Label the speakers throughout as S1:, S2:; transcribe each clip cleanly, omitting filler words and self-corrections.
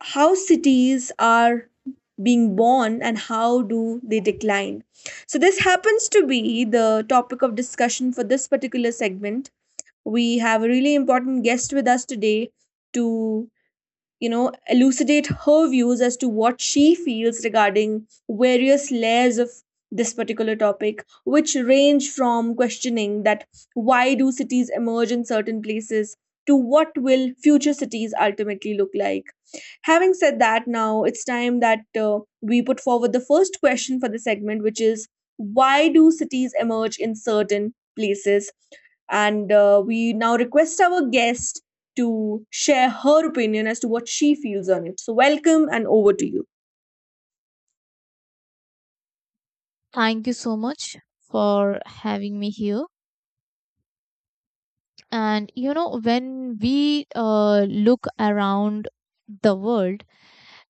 S1: How cities are being born and how do they decline. So this happens to be the topic of discussion for this particular segment. We have a really important guest with us today to elucidate her views as to what she feels regarding various layers of this particular topic, which range from questioning that why do cities emerge in certain places to what will future cities ultimately look like. Having said that, now it's time that we put forward the first question for the segment, which is why do cities emerge in certain places? And we now request our guest to share her opinion as to what she feels on it. So, welcome and over to you.
S2: Thank you so much for having me here. And you know, when we look around the world,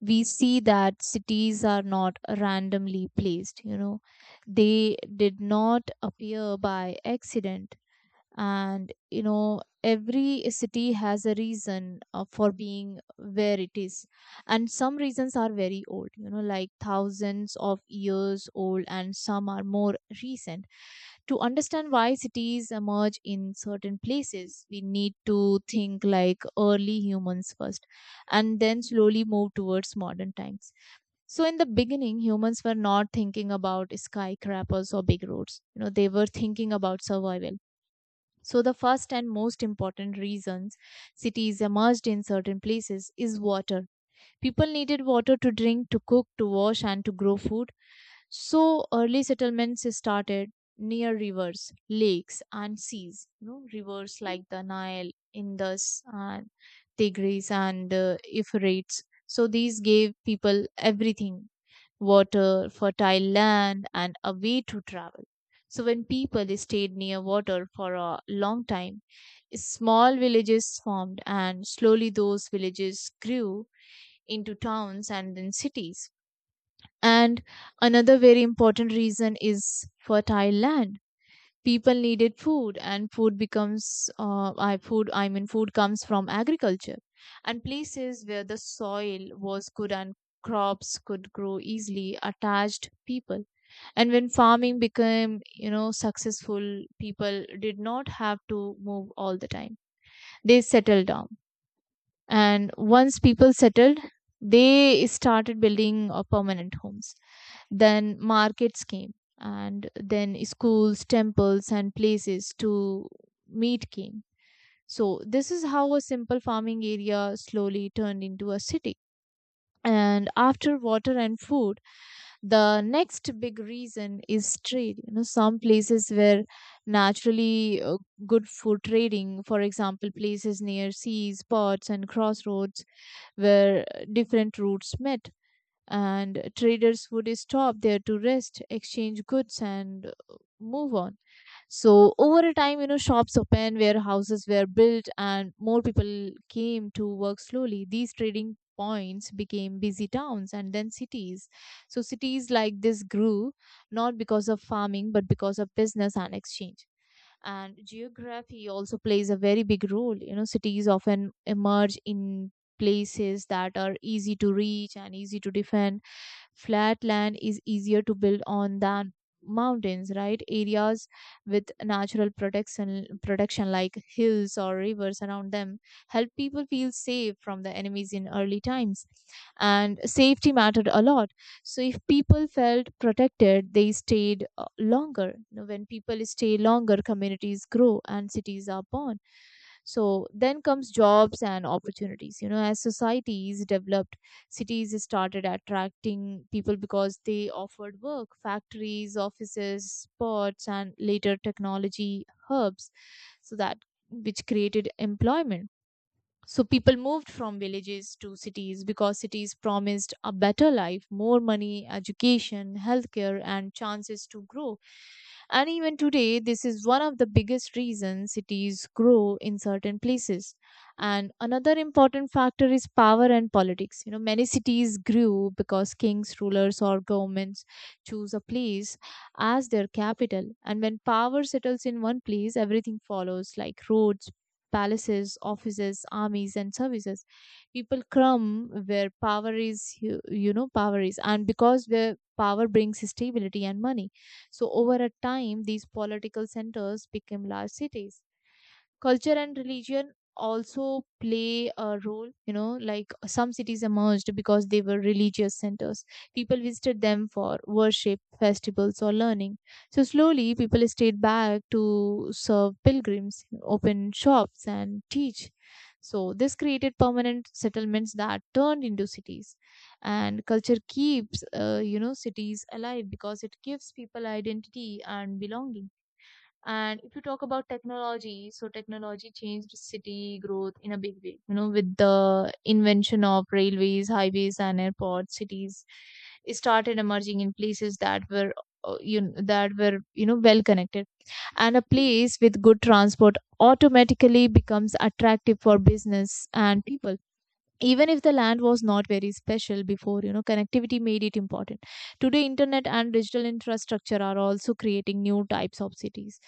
S2: we see that cities are not randomly placed, you know, they did not appear by accident. And you know, every city has a reason for being where it is, and some reasons are very old, you know, like thousands of years old, and some are more recent. To understand why cities emerge in certain places, we need to think like early humans first and then slowly move towards modern times. So in the beginning, humans were not thinking about skyscrapers or big roads, you know, they were thinking about survival. So, the first and most important reasons cities emerged in certain places is water. People needed water to drink, to cook, to wash, and to grow food. So, early settlements started near rivers, lakes, and seas. You know, rivers like the Nile, Indus, and Tigris, and Euphrates. So, these gave people everything: water, fertile land, and a way to travel. So, when people stayed near water for a long time, small villages formed, and slowly those villages grew into towns and then cities. And another very important reason is fertile land. People needed food, and food becomes, I food. I mean, food comes from agriculture, and places where the soil was good and crops could grow easily attached people. And when farming became, you know, successful, people did not have to move all the time. They settled down, and once people settled, they started building permanent homes. Then markets came, and then schools, temples, and places to meet came. So this is how a simple farming area slowly turned into a city. And after water and food, the next big reason is trade. You know, some places were naturally good for trading. For example, places near seas, ports, and crossroads where different routes met, and traders would stop there to rest, exchange goods, and move on. So, over a time, you know, shops opened, warehouses were built, and more people came to work. Slowly, these trading points became busy towns and then cities. So, cities like this grew not because of farming, but because of business and exchange. And geography also plays a very big role. You know, cities often emerge in places that are easy to reach and easy to defend. Flat land is easier to build on than mountains, right? Areas with natural protection like hills or rivers around them help people feel safe from the enemies. In early times, and safety mattered a lot. So if people felt protected, they stayed longer. You know, when people stay longer, communities grow and cities are born. So then comes jobs and opportunities. You know, as societies developed, cities started attracting people because they offered work, factories, offices, sports, and later technology hubs. So that which created employment. So people moved from villages to cities because cities promised a better life, more money, education, healthcare, and chances to grow. And even today, this is one of the biggest reasons cities grow in certain places. And another important factor is power and politics. You know, many cities grew because kings, rulers, or governments choose a place as their capital. And when power settles in one place, everything follows, like roads, palaces, offices, armies, and services. People come where power is, you know, power is, and because where power brings stability and money. So over a time, these political centers became large cities. Culture and religion also play a role. You know, like some cities emerged because they were religious centers. People visited them for worship, festivals, or learning. So slowly people stayed back to serve pilgrims, open shops, and teach. So this created permanent settlements that turned into cities. And culture keeps cities alive because it gives people identity and belonging. And if you talk about technology, so technology changed city growth in a big way. You know, with the invention of railways, highways, and airports, cities started emerging in places that were, you know, well connected. And a place with good transport automatically becomes attractive for business and people, even if the land was not very special before. You know, connectivity made it important. Today internet and digital infrastructure are also creating new types of cities,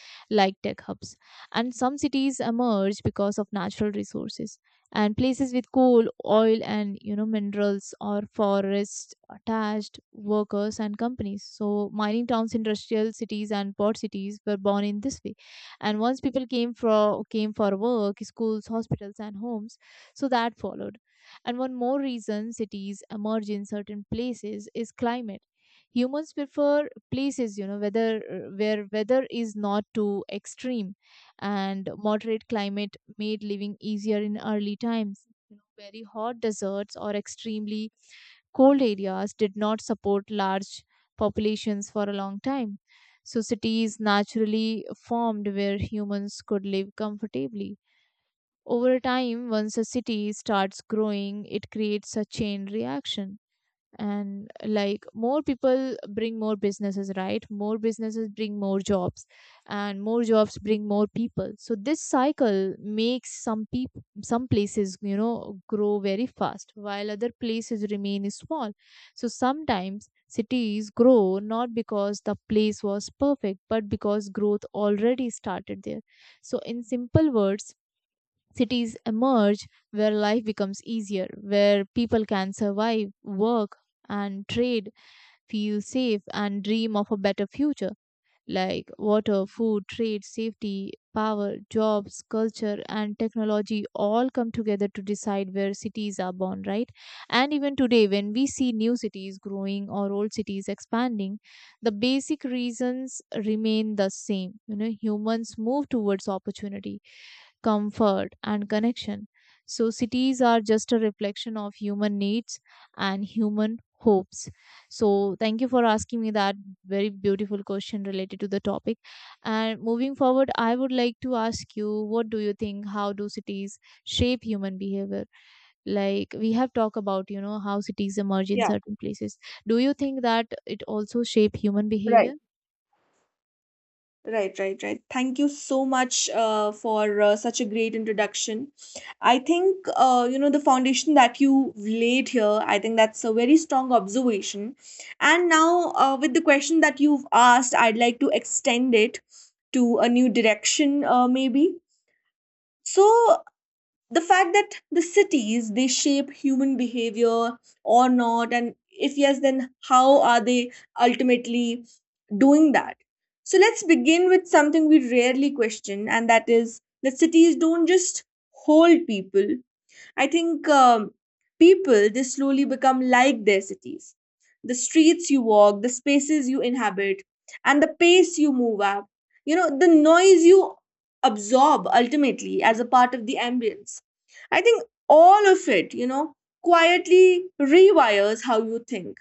S2: like tech hubs. And some cities emerge because of natural resources. And places with coal, oil, and you know, minerals or forests attached workers and companies. So mining towns, industrial cities, and port cities were born in this way. And once people came for work, schools, hospitals, and homes, so that followed. And one more reason cities emerge in certain places is climate. Humans prefer places, you know, whether where weather is not too extreme, and moderate climate made living easier in early times. You know, very hot deserts or extremely cold areas did not support large populations for a long time. So cities naturally formed where humans could live comfortably. Over time, once a city starts growing, it creates a chain reaction. And like more people bring more businesses, right? More businesses bring more jobs, and more jobs bring more people. So this cycle makes some people, some places, you know, grow very fast, while other places remain small. So sometimes cities grow not because the place was perfect, but because growth already started there. So in simple words, cities emerge where life becomes easier, where people can survive, work, and trade, feel safe, and dream of a better future. Like water, food, trade, safety, power, jobs, culture, and technology all come together to decide where cities are born, right? And even today, when we see new cities growing or old cities expanding, the basic reasons remain the same. You know, humans move towards opportunity, comfort, and connection. So, cities are just a reflection of human needs and human hopes. So, thank you for asking me that very beautiful question related to the topic. And moving forward, I would like to ask you, what do you think? How do cities shape human behavior? Like we have talked about, you know, how cities emerge in
S1: Yeah,
S2: certain places, do you think that it also shape human
S1: right,
S2: behavior?
S1: right, right, right. Thank you so much for such a great introduction. I think, the foundation that you laid here, I think that's a very strong observation. And now, with the question that you've asked, I'd like to extend it to a new direction, maybe. So, the fact that the cities they shape human behavior or not, and if yes, then how are they ultimately doing that? So let's begin with something we rarely question, and that is that cities don't just hold people. I think people they slowly become like their cities. The streets you walk, the spaces you inhabit, and the pace you move at. You know, the noise you absorb ultimately as a part of the ambience. I think all of it, you know, quietly rewires how you think,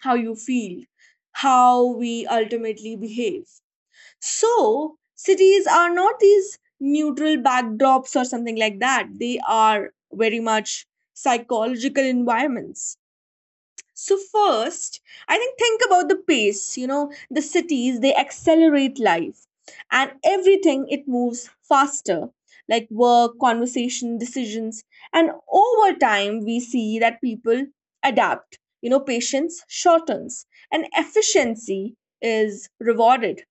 S1: how you feel, how we ultimately behave. So, cities are not these neutral backdrops or something like that. They are very much psychological environments. So, first, I think about the pace. You know, the cities, they accelerate life, and everything, it moves faster, like work, conversation, decisions. And over time, we see that people adapt. You know, patience shortens and efficiency is rewarded,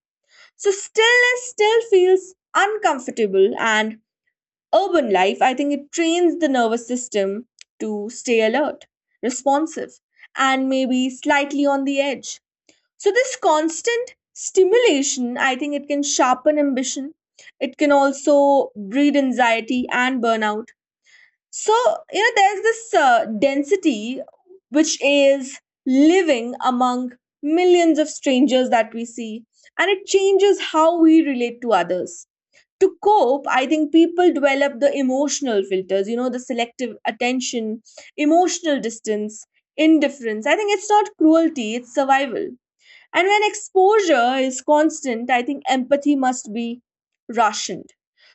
S1: so stillness still feels uncomfortable, and urban life, I think it trains the nervous system to stay alert, responsive, and maybe slightly on the edge. So this constant stimulation, I think it can sharpen ambition. It can also breed anxiety and burnout. So, you know, there's this density, which is living among millions of strangers that we see, and it changes how we relate to others. To cope, I think people develop the emotional filters, you know, the selective attention, emotional distance, indifference. I think it's not cruelty, it's survival. And when exposure is constant, I think empathy must be rationed.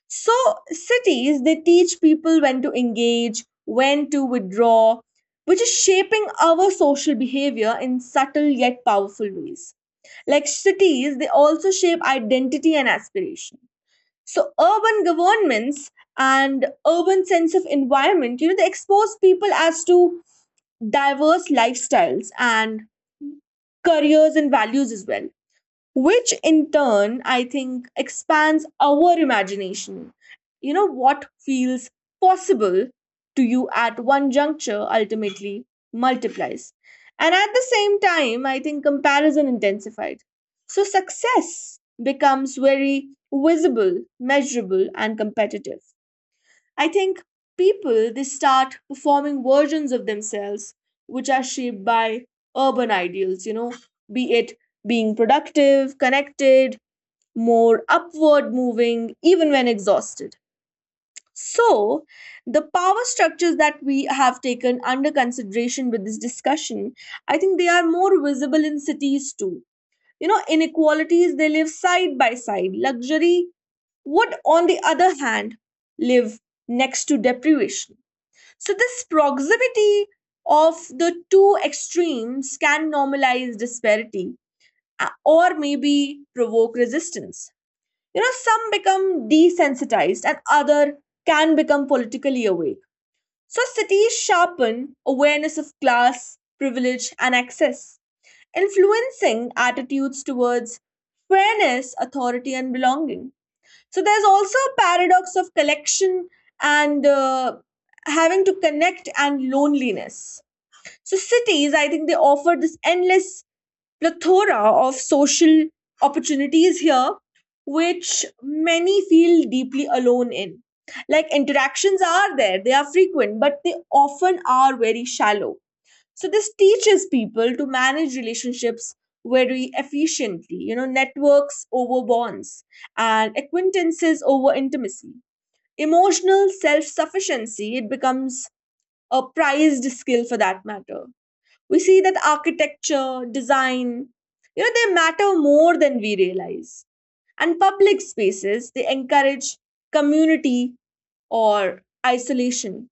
S1: So, cities, they teach people when to engage, when to withdraw, which is shaping our social behavior in subtle yet powerful ways. Like cities, they also shape identity and aspiration. So, urban governments and urban sense of environment, you know, they expose people as to diverse lifestyles and careers and values as well, which in turn I think expands our imagination. You know, what feels possible to you at one juncture ultimately multiplies, and at the same time I think comparison intensified. So success becomes very visible, measurable, and competitive. I think people they start performing versions of themselves which are shaped by urban ideals, you know, be it being productive, connected, more upward moving, even when exhausted. So, the power structures that we have taken under consideration with this discussion, I think they are more visible in cities too. You know, inequalities they live side by side. Luxury would, on the other hand, live next to deprivation. So, this proximity of the two extremes can normalize disparity, or maybe provoke resistance. You know, some become desensitized and other can become politically awake. So, cities sharpen awareness of class, privilege, and access, influencing attitudes towards fairness, authority, and belonging. So there's also a paradox of collection and having to connect and loneliness. So cities, I think they offer this endless plethora of social opportunities here, which many feel deeply alone in. Like interactions are there, they are frequent, but they often are very shallow. So this teaches people to manage relationships very efficiently, you know, networks over bonds and acquaintances over intimacy. Emotional self-sufficiency, it becomes a prized skill for that matter. We see that architecture design, you know, they matter more than we realize, and public spaces they encourage community or isolation.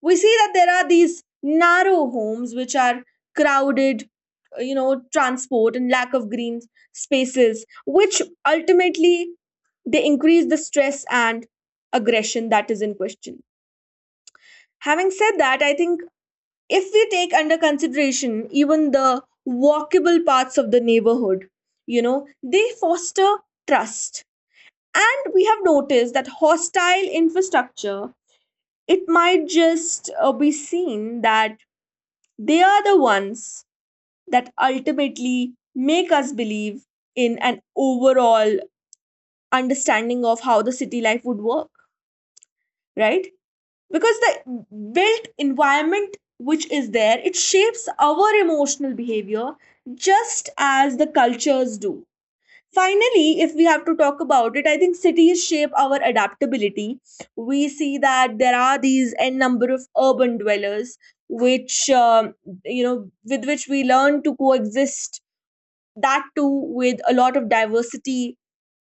S1: We see that there are these narrow homes which are crowded, you know, transport and lack of green spaces which ultimately they increase the stress and aggression that is in question. Having said that, I think if we take under consideration even the walkable parts of the neighborhood, you know they foster trust, and we have noticed that hostile infrastructure, it might just be seen that they are the ones that ultimately make us believe in an overall understanding of how the city life would work, right? Because the built environment which is there, it shapes our emotional behavior just as the cultures do. Finally, if we have to talk about it, I think cities shape our adaptability. We see that there are these n number of urban dwellers, which you know, with which we learn to coexist, that too with a lot of diversity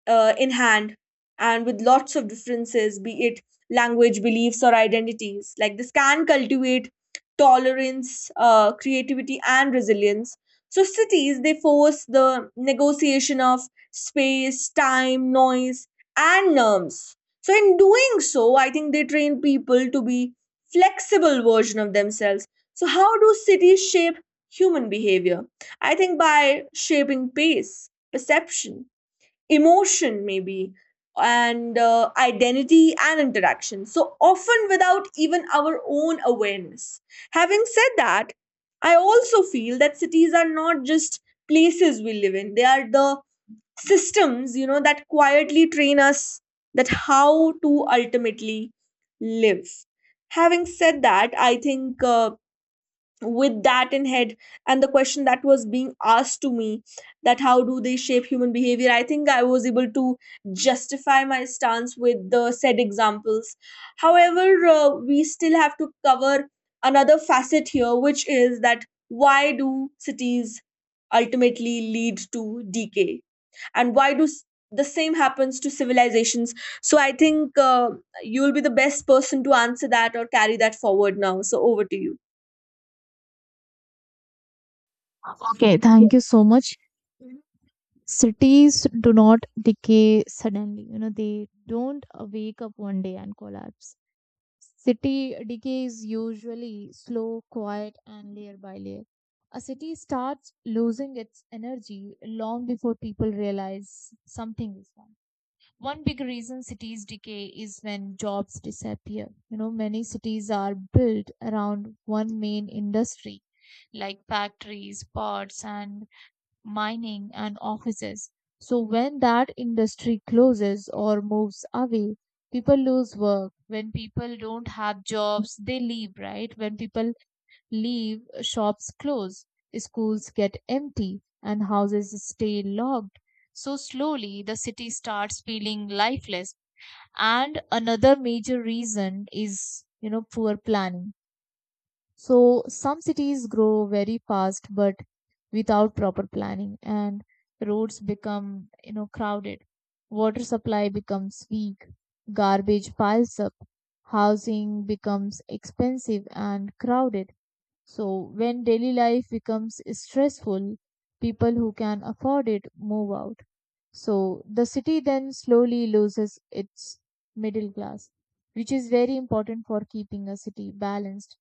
S1: in hand, and with lots of differences, be it language, beliefs, or identities. Like this can cultivate tolerance, creativity, and resilience. So cities they force the negotiation of space, time, noise, and norms. So in doing so, I think they train people to be flexible version of themselves. So how do cities shape human behavior? I think by shaping pace, perception, emotion, maybe, and identity and interaction. So often without even our own awareness. Having said that, I also feel that cities are not just places we live in, they are the systems, you know, that quietly train us that how to ultimately live. Having said that, I think. With that in head and the question that was being asked to me, that how do they shape human behavior, I think I was able to justify my stance with the said examples. However, we still have to cover another facet here, which is that why do cities ultimately lead to decay, and why do the same happens to civilizations. So I think, you'll be the best person to answer that or carry that forward now, so over to you.
S2: Okay, thank you so much. Cities do not decay suddenly, you know, they don't wake up one day and collapse. City decay is usually slow, quiet, and layer by layer. A city starts losing its energy long before people realize something is wrong. One big reason cities decay is when jobs disappear. You know, many cities are built around one main industry, like factories, ports, and mining, and offices. So when that industry closes or moves away, people lose work. When people don't have jobs, they leave, right? When people leave, shops close, schools get empty, and houses stay locked. So slowly, the city starts feeling lifeless. And another major reason is, you know, poor planning. So some cities grow very fast, but without proper planning, and roads become, you know, crowded. Water supply becomes weak, garbage piles up, housing becomes expensive and crowded. So when daily life becomes stressful, people who can afford it move out. So the city then slowly loses its middle class, which is very important for keeping a city balanced.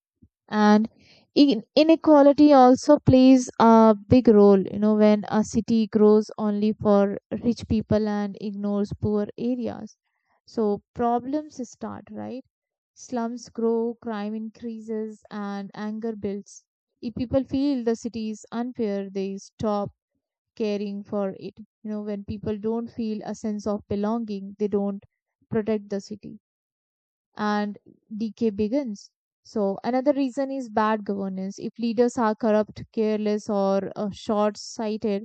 S2: And inequality also plays a big role. You know, when a city grows only for rich people and ignores poor areas, so problems start, right? Slums grow, crime increases, and anger builds. If people feel the city is unfair, they stop caring for it. You know, when people don't feel a sense of belonging, they don't protect the city, and decay begins. So, another reason is bad governance. If leaders are corrupt, careless, or short sighted,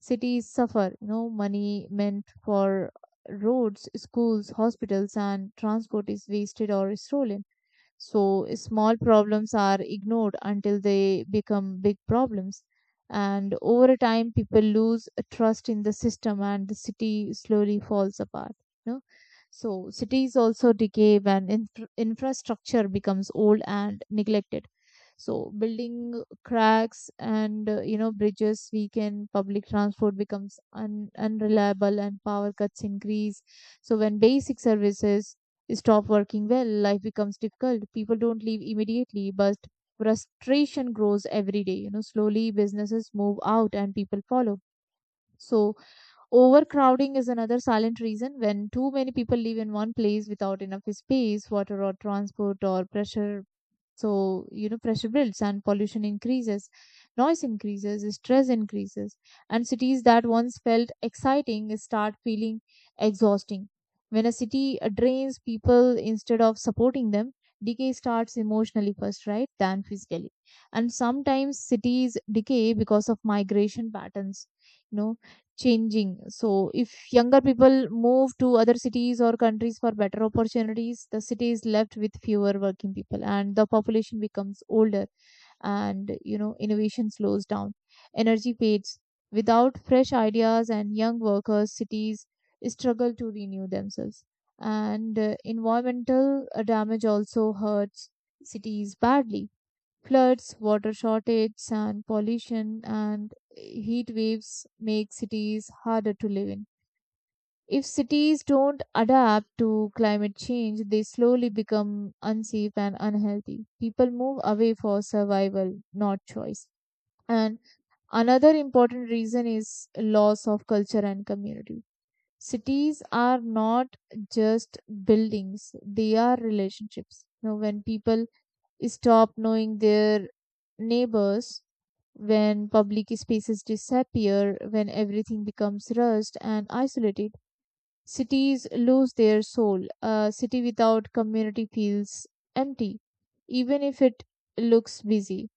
S2: cities suffer. You know, money meant for roads, schools, hospitals, and transport is wasted or stolen. So small problems are ignored until they become big problems. And over time, people lose trust in the system and the city slowly falls apart. You know? So cities also decay when infrastructure becomes old and neglected. So building cracks and you know, bridges weaken, public transport becomes unreliable, and power cuts increase. So when basic services stop working well, life becomes difficult. People don't leave immediately, but frustration grows every day. You know, slowly businesses move out and people follow. So, overcrowding is another silent reason. When too many people live in one place without enough space, water, or transport, or pressure, so, you know, pressure builds and pollution increases, noise increases, stress increases, and cities that once felt exciting start feeling exhausting. When a city drains people instead of supporting them, decay starts emotionally first, right, than physically. And sometimes cities decay because of migration patterns. You know, changing. So, if younger people move to other cities or countries for better opportunities, the city is left with fewer working people and the population becomes older, and, you know, innovation slows down. Energy fades. Without fresh ideas and young workers, cities struggle to renew themselves. And environmental damage also hurts cities badly. Floods, water shortage, sand pollution, and heat waves make cities harder to live in. If cities don't adapt to climate change, they slowly become unsafe and unhealthy. People move away for survival, not choice. And another important reason is loss of culture and community. Cities are not just buildings, they are relationships. You know, when people stop knowing their neighbors, when public spaces disappear, when everything becomes rushed and isolated, cities lose their soul. A city without community feels empty, even if it looks busy.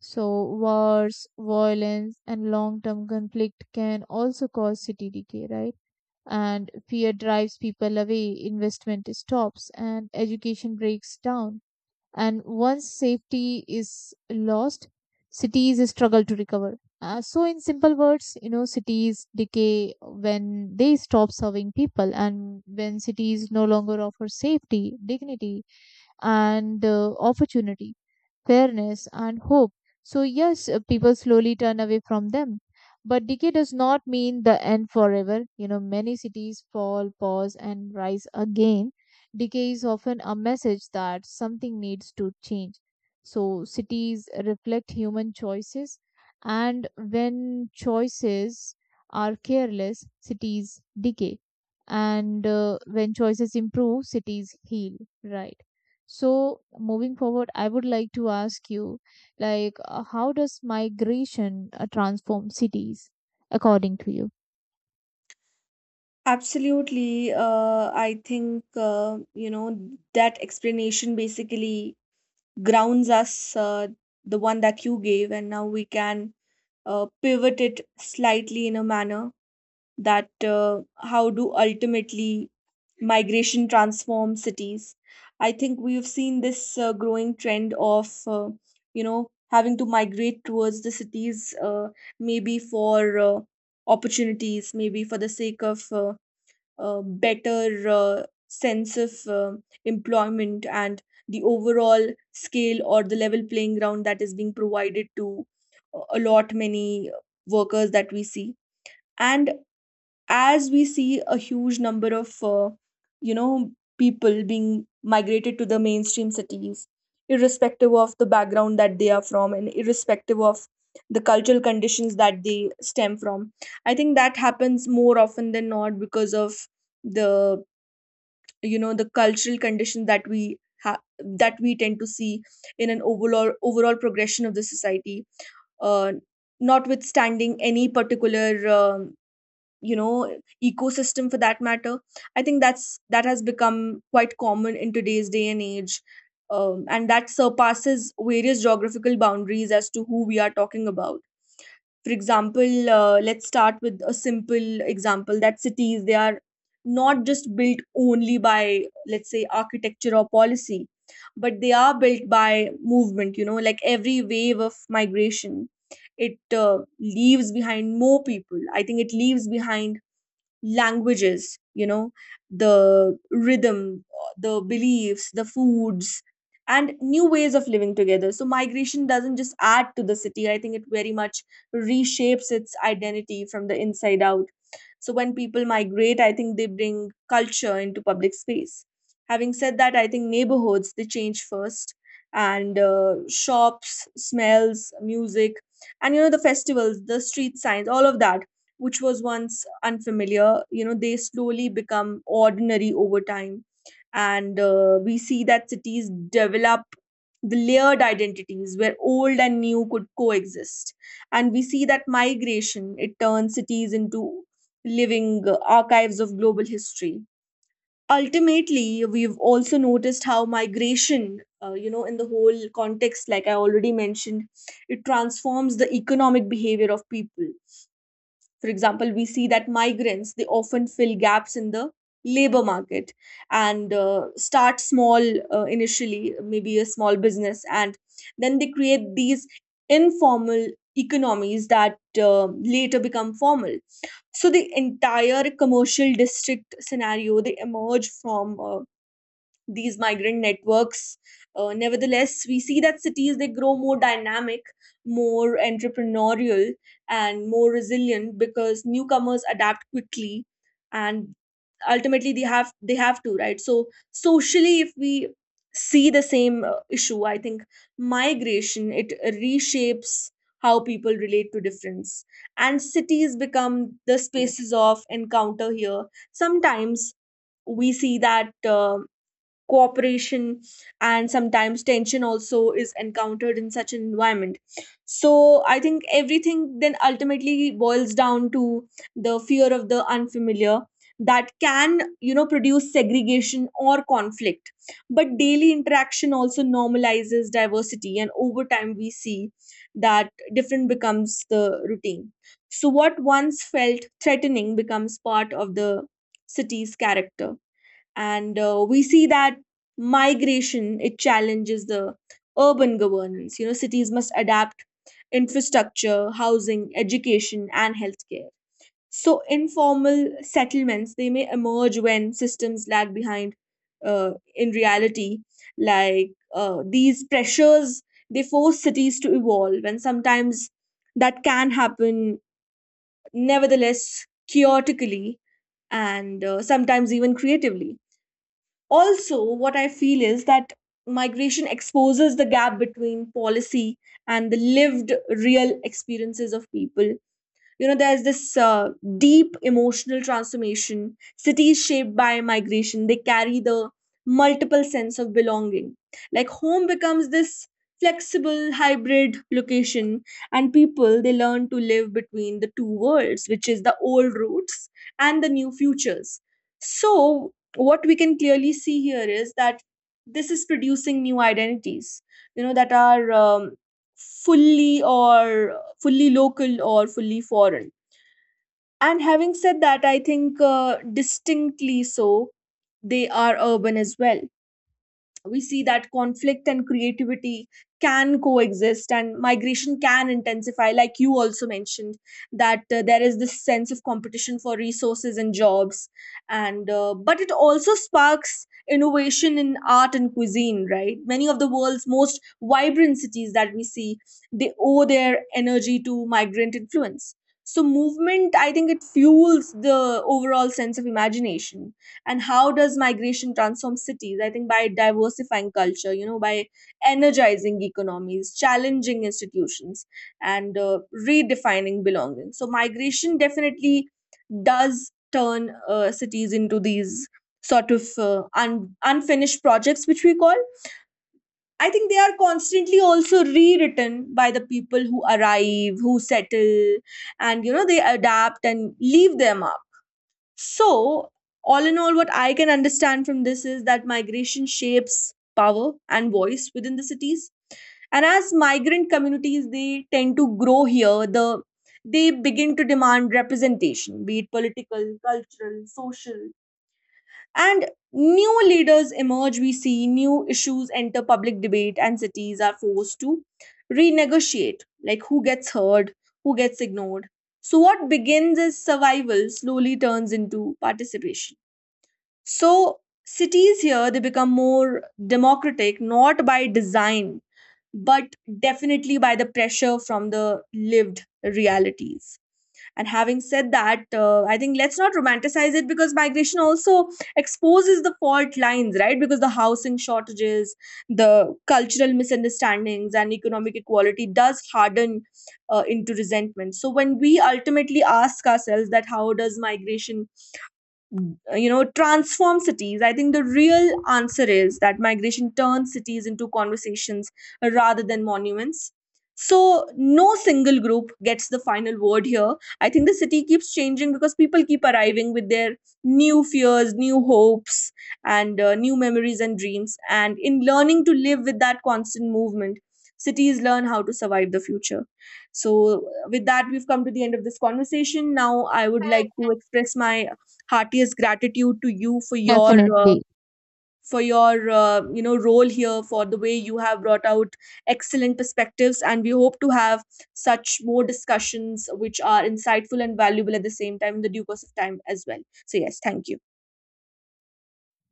S2: So, wars, violence, and long term conflict can also cause city decay, right? And fear drives people away, investment stops, and education breaks down. And once safety is lost, cities struggle to recover. So in simple words, you know, cities decay when they stop serving people, and when cities no longer offer safety, dignity, and opportunity, fairness, and hope. So, yes, people slowly turn away from them. But decay does not mean the end forever. You know, many cities fall, pause, and rise again. Decay is often a message that something needs to change. So, cities reflect human choices, and when choices are careless, cities decay. And when choices improve, cities heal, right? So, moving forward, I would like to ask you, like, how does migration transform cities, according to you?
S1: Absolutely. I think, that explanation basically grounds us, the one that you gave, and now we can pivot it slightly in a manner that how do ultimately migration transform cities? I think we've seen this growing trend of, having to migrate towards the cities, maybe for opportunities, maybe for the sake of. Better sense of employment and the overall scale or the level playing ground that is being provided to a lot many workers that we see. And as we see a huge number of you know people being migrated to the mainstream cities irrespective of the background that they are from, and irrespective of the cultural conditions that they stem from, I think that happens more often than not because of the, you know, the cultural condition that that we tend to see in an overall progression of the society, uh, notwithstanding any particular um, you know, ecosystem for that matter. I think that has become quite common in today's day and age, and that surpasses various geographical boundaries as to who we are talking about. For example, let's start with a simple example that cities they are not just built only by, let's say, architecture or policy, but they are built by movement. You know, like every wave of migration, it leaves behind more people. I think it leaves behind languages, you know, the rhythm, the beliefs, the foods, and new ways of living together. So migration doesn't just add to the city, I think it very much reshapes its identity from the inside out. So when people migrate, I think they bring culture into public space. Having said that, I think neighborhoods they change first, and shops, smells, music, and you know the festivals, the street signs, all of that which was once unfamiliar, you know, they slowly become ordinary over time. And we see that cities develop the layered identities where old and new could coexist. And we see that migration, it turns cities into living archives of global history. Ultimately, we've also noticed how migration, in the whole context, like I already mentioned, it transforms the economic behavior of people. For example, we see that migrants, they often fill gaps in the labor market and start small. Initially, maybe a small business, and then they create these informal economies that later become formal. So the entire commercial district scenario, they emerge from these migrant networks. Nevertheless, we see that cities, they grow more dynamic, more entrepreneurial, and more resilient because newcomers adapt quickly, and ultimately they have to, right? So socially, if we see the same issue, I think migration, it reshapes how people relate to difference, and cities become the spaces of encounter here. Sometimes we see that. um cooperation, and sometimes tension also is encountered in such an environment. So I think everything then ultimately boils down to the fear of the unfamiliar that can, you know, produce segregation or conflict. But daily interaction also normalizes diversity, and over time we see that different becomes the routine. So what once felt threatening becomes part of the city's character. And we see that migration, it challenges the urban governance. You know, cities must adapt infrastructure, housing, education, and healthcare. So informal settlements, they may emerge when systems lag behind. In reality, like, these pressures, they force cities to evolve, and sometimes that can happen, nevertheless, chaotically, and sometimes even creatively. Also, what I feel is that migration exposes the gap between policy and the lived, real experiences of people. You know, there's this deep emotional transformation. Cities shaped by migration, they carry the multiple sense of belonging. Like, home becomes this flexible hybrid location, and people, they learn to live between the two worlds, which is the old roots and the new futures. So what we can clearly see here is that this is producing new identities, you know, that are fully or fully local or fully foreign. And having said that, I think distinctly so, they are urban as well. We see that conflict and creativity can coexist, and migration can intensify, like you also mentioned, that there is this sense of competition for resources and jobs. And but it also sparks innovation in art and cuisine, right? Many of the world's most vibrant cities that we see, they owe their energy to migrant influence. So movement, I think it fuels the overall sense of imagination. And how does migration transform cities? I think by diversifying culture, you know, by energizing economies, challenging institutions, and redefining belonging. So migration definitely does turn cities into these sort of unfinished projects, which we call, I think, they are constantly also rewritten by the people who arrive, who settle, and, you know, they adapt and leave them. So, all in all, what I can understand from this is that migration shapes power and voice within the cities. And as migrant communities, they tend to grow here. They begin to demand representation, be it political, cultural, social, and new leaders emerge. We see new issues enter public debate, and cities are forced to renegotiate, like, who gets heard, who gets ignored. So what begins as survival slowly turns into participation. So cities here, they become more democratic, not by design, but definitely by the pressure from the lived realities. And having said that, I think let's not romanticize it, because migration also exposes the fault lines, right? Because the housing shortages, the cultural misunderstandings, and economic equality does harden into resentment. So when we ultimately ask ourselves that how does migration you know transform cities, I think the real answer is that migration turns cities into conversations rather than monuments. So no single group gets the final word here. I think the city keeps changing because people keep arriving with their new fears, new hopes, and new memories and dreams. And in learning to live with that constant movement, cities learn how to survive the future. So with that, we've come to the end of this conversation now. I would like to express my heartiest gratitude to you for your uh,
S2: Definitely.
S1: you know, role here, for the way you have brought out excellent perspectives, and we hope to have such more discussions which are insightful and valuable at the same time in the due course of time as well. So yes, thank you.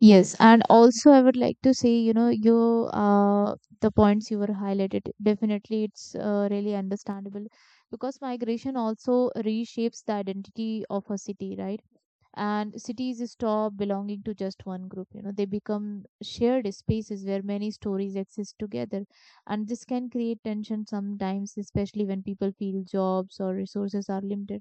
S2: Yes, and also I would like to say, you know, you, uh, the points you were highlighted, definitely it's really understandable, because migration also reshapes the identity of a city, right? And cities stop belonging to just one group. You know, they become shared spaces where many stories exist together. And this can create tension sometimes, especially when people feel jobs or resources are limited.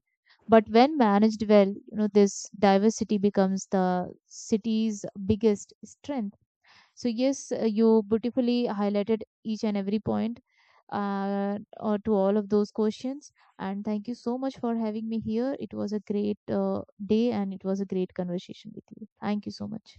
S2: But when managed well, you know, this diversity becomes the city's biggest strength. So yes, you beautifully highlighted each and every point, or to all of those questions. And thank you so much for having me here. It was a great day and it was a great conversation with you. Thank you so much.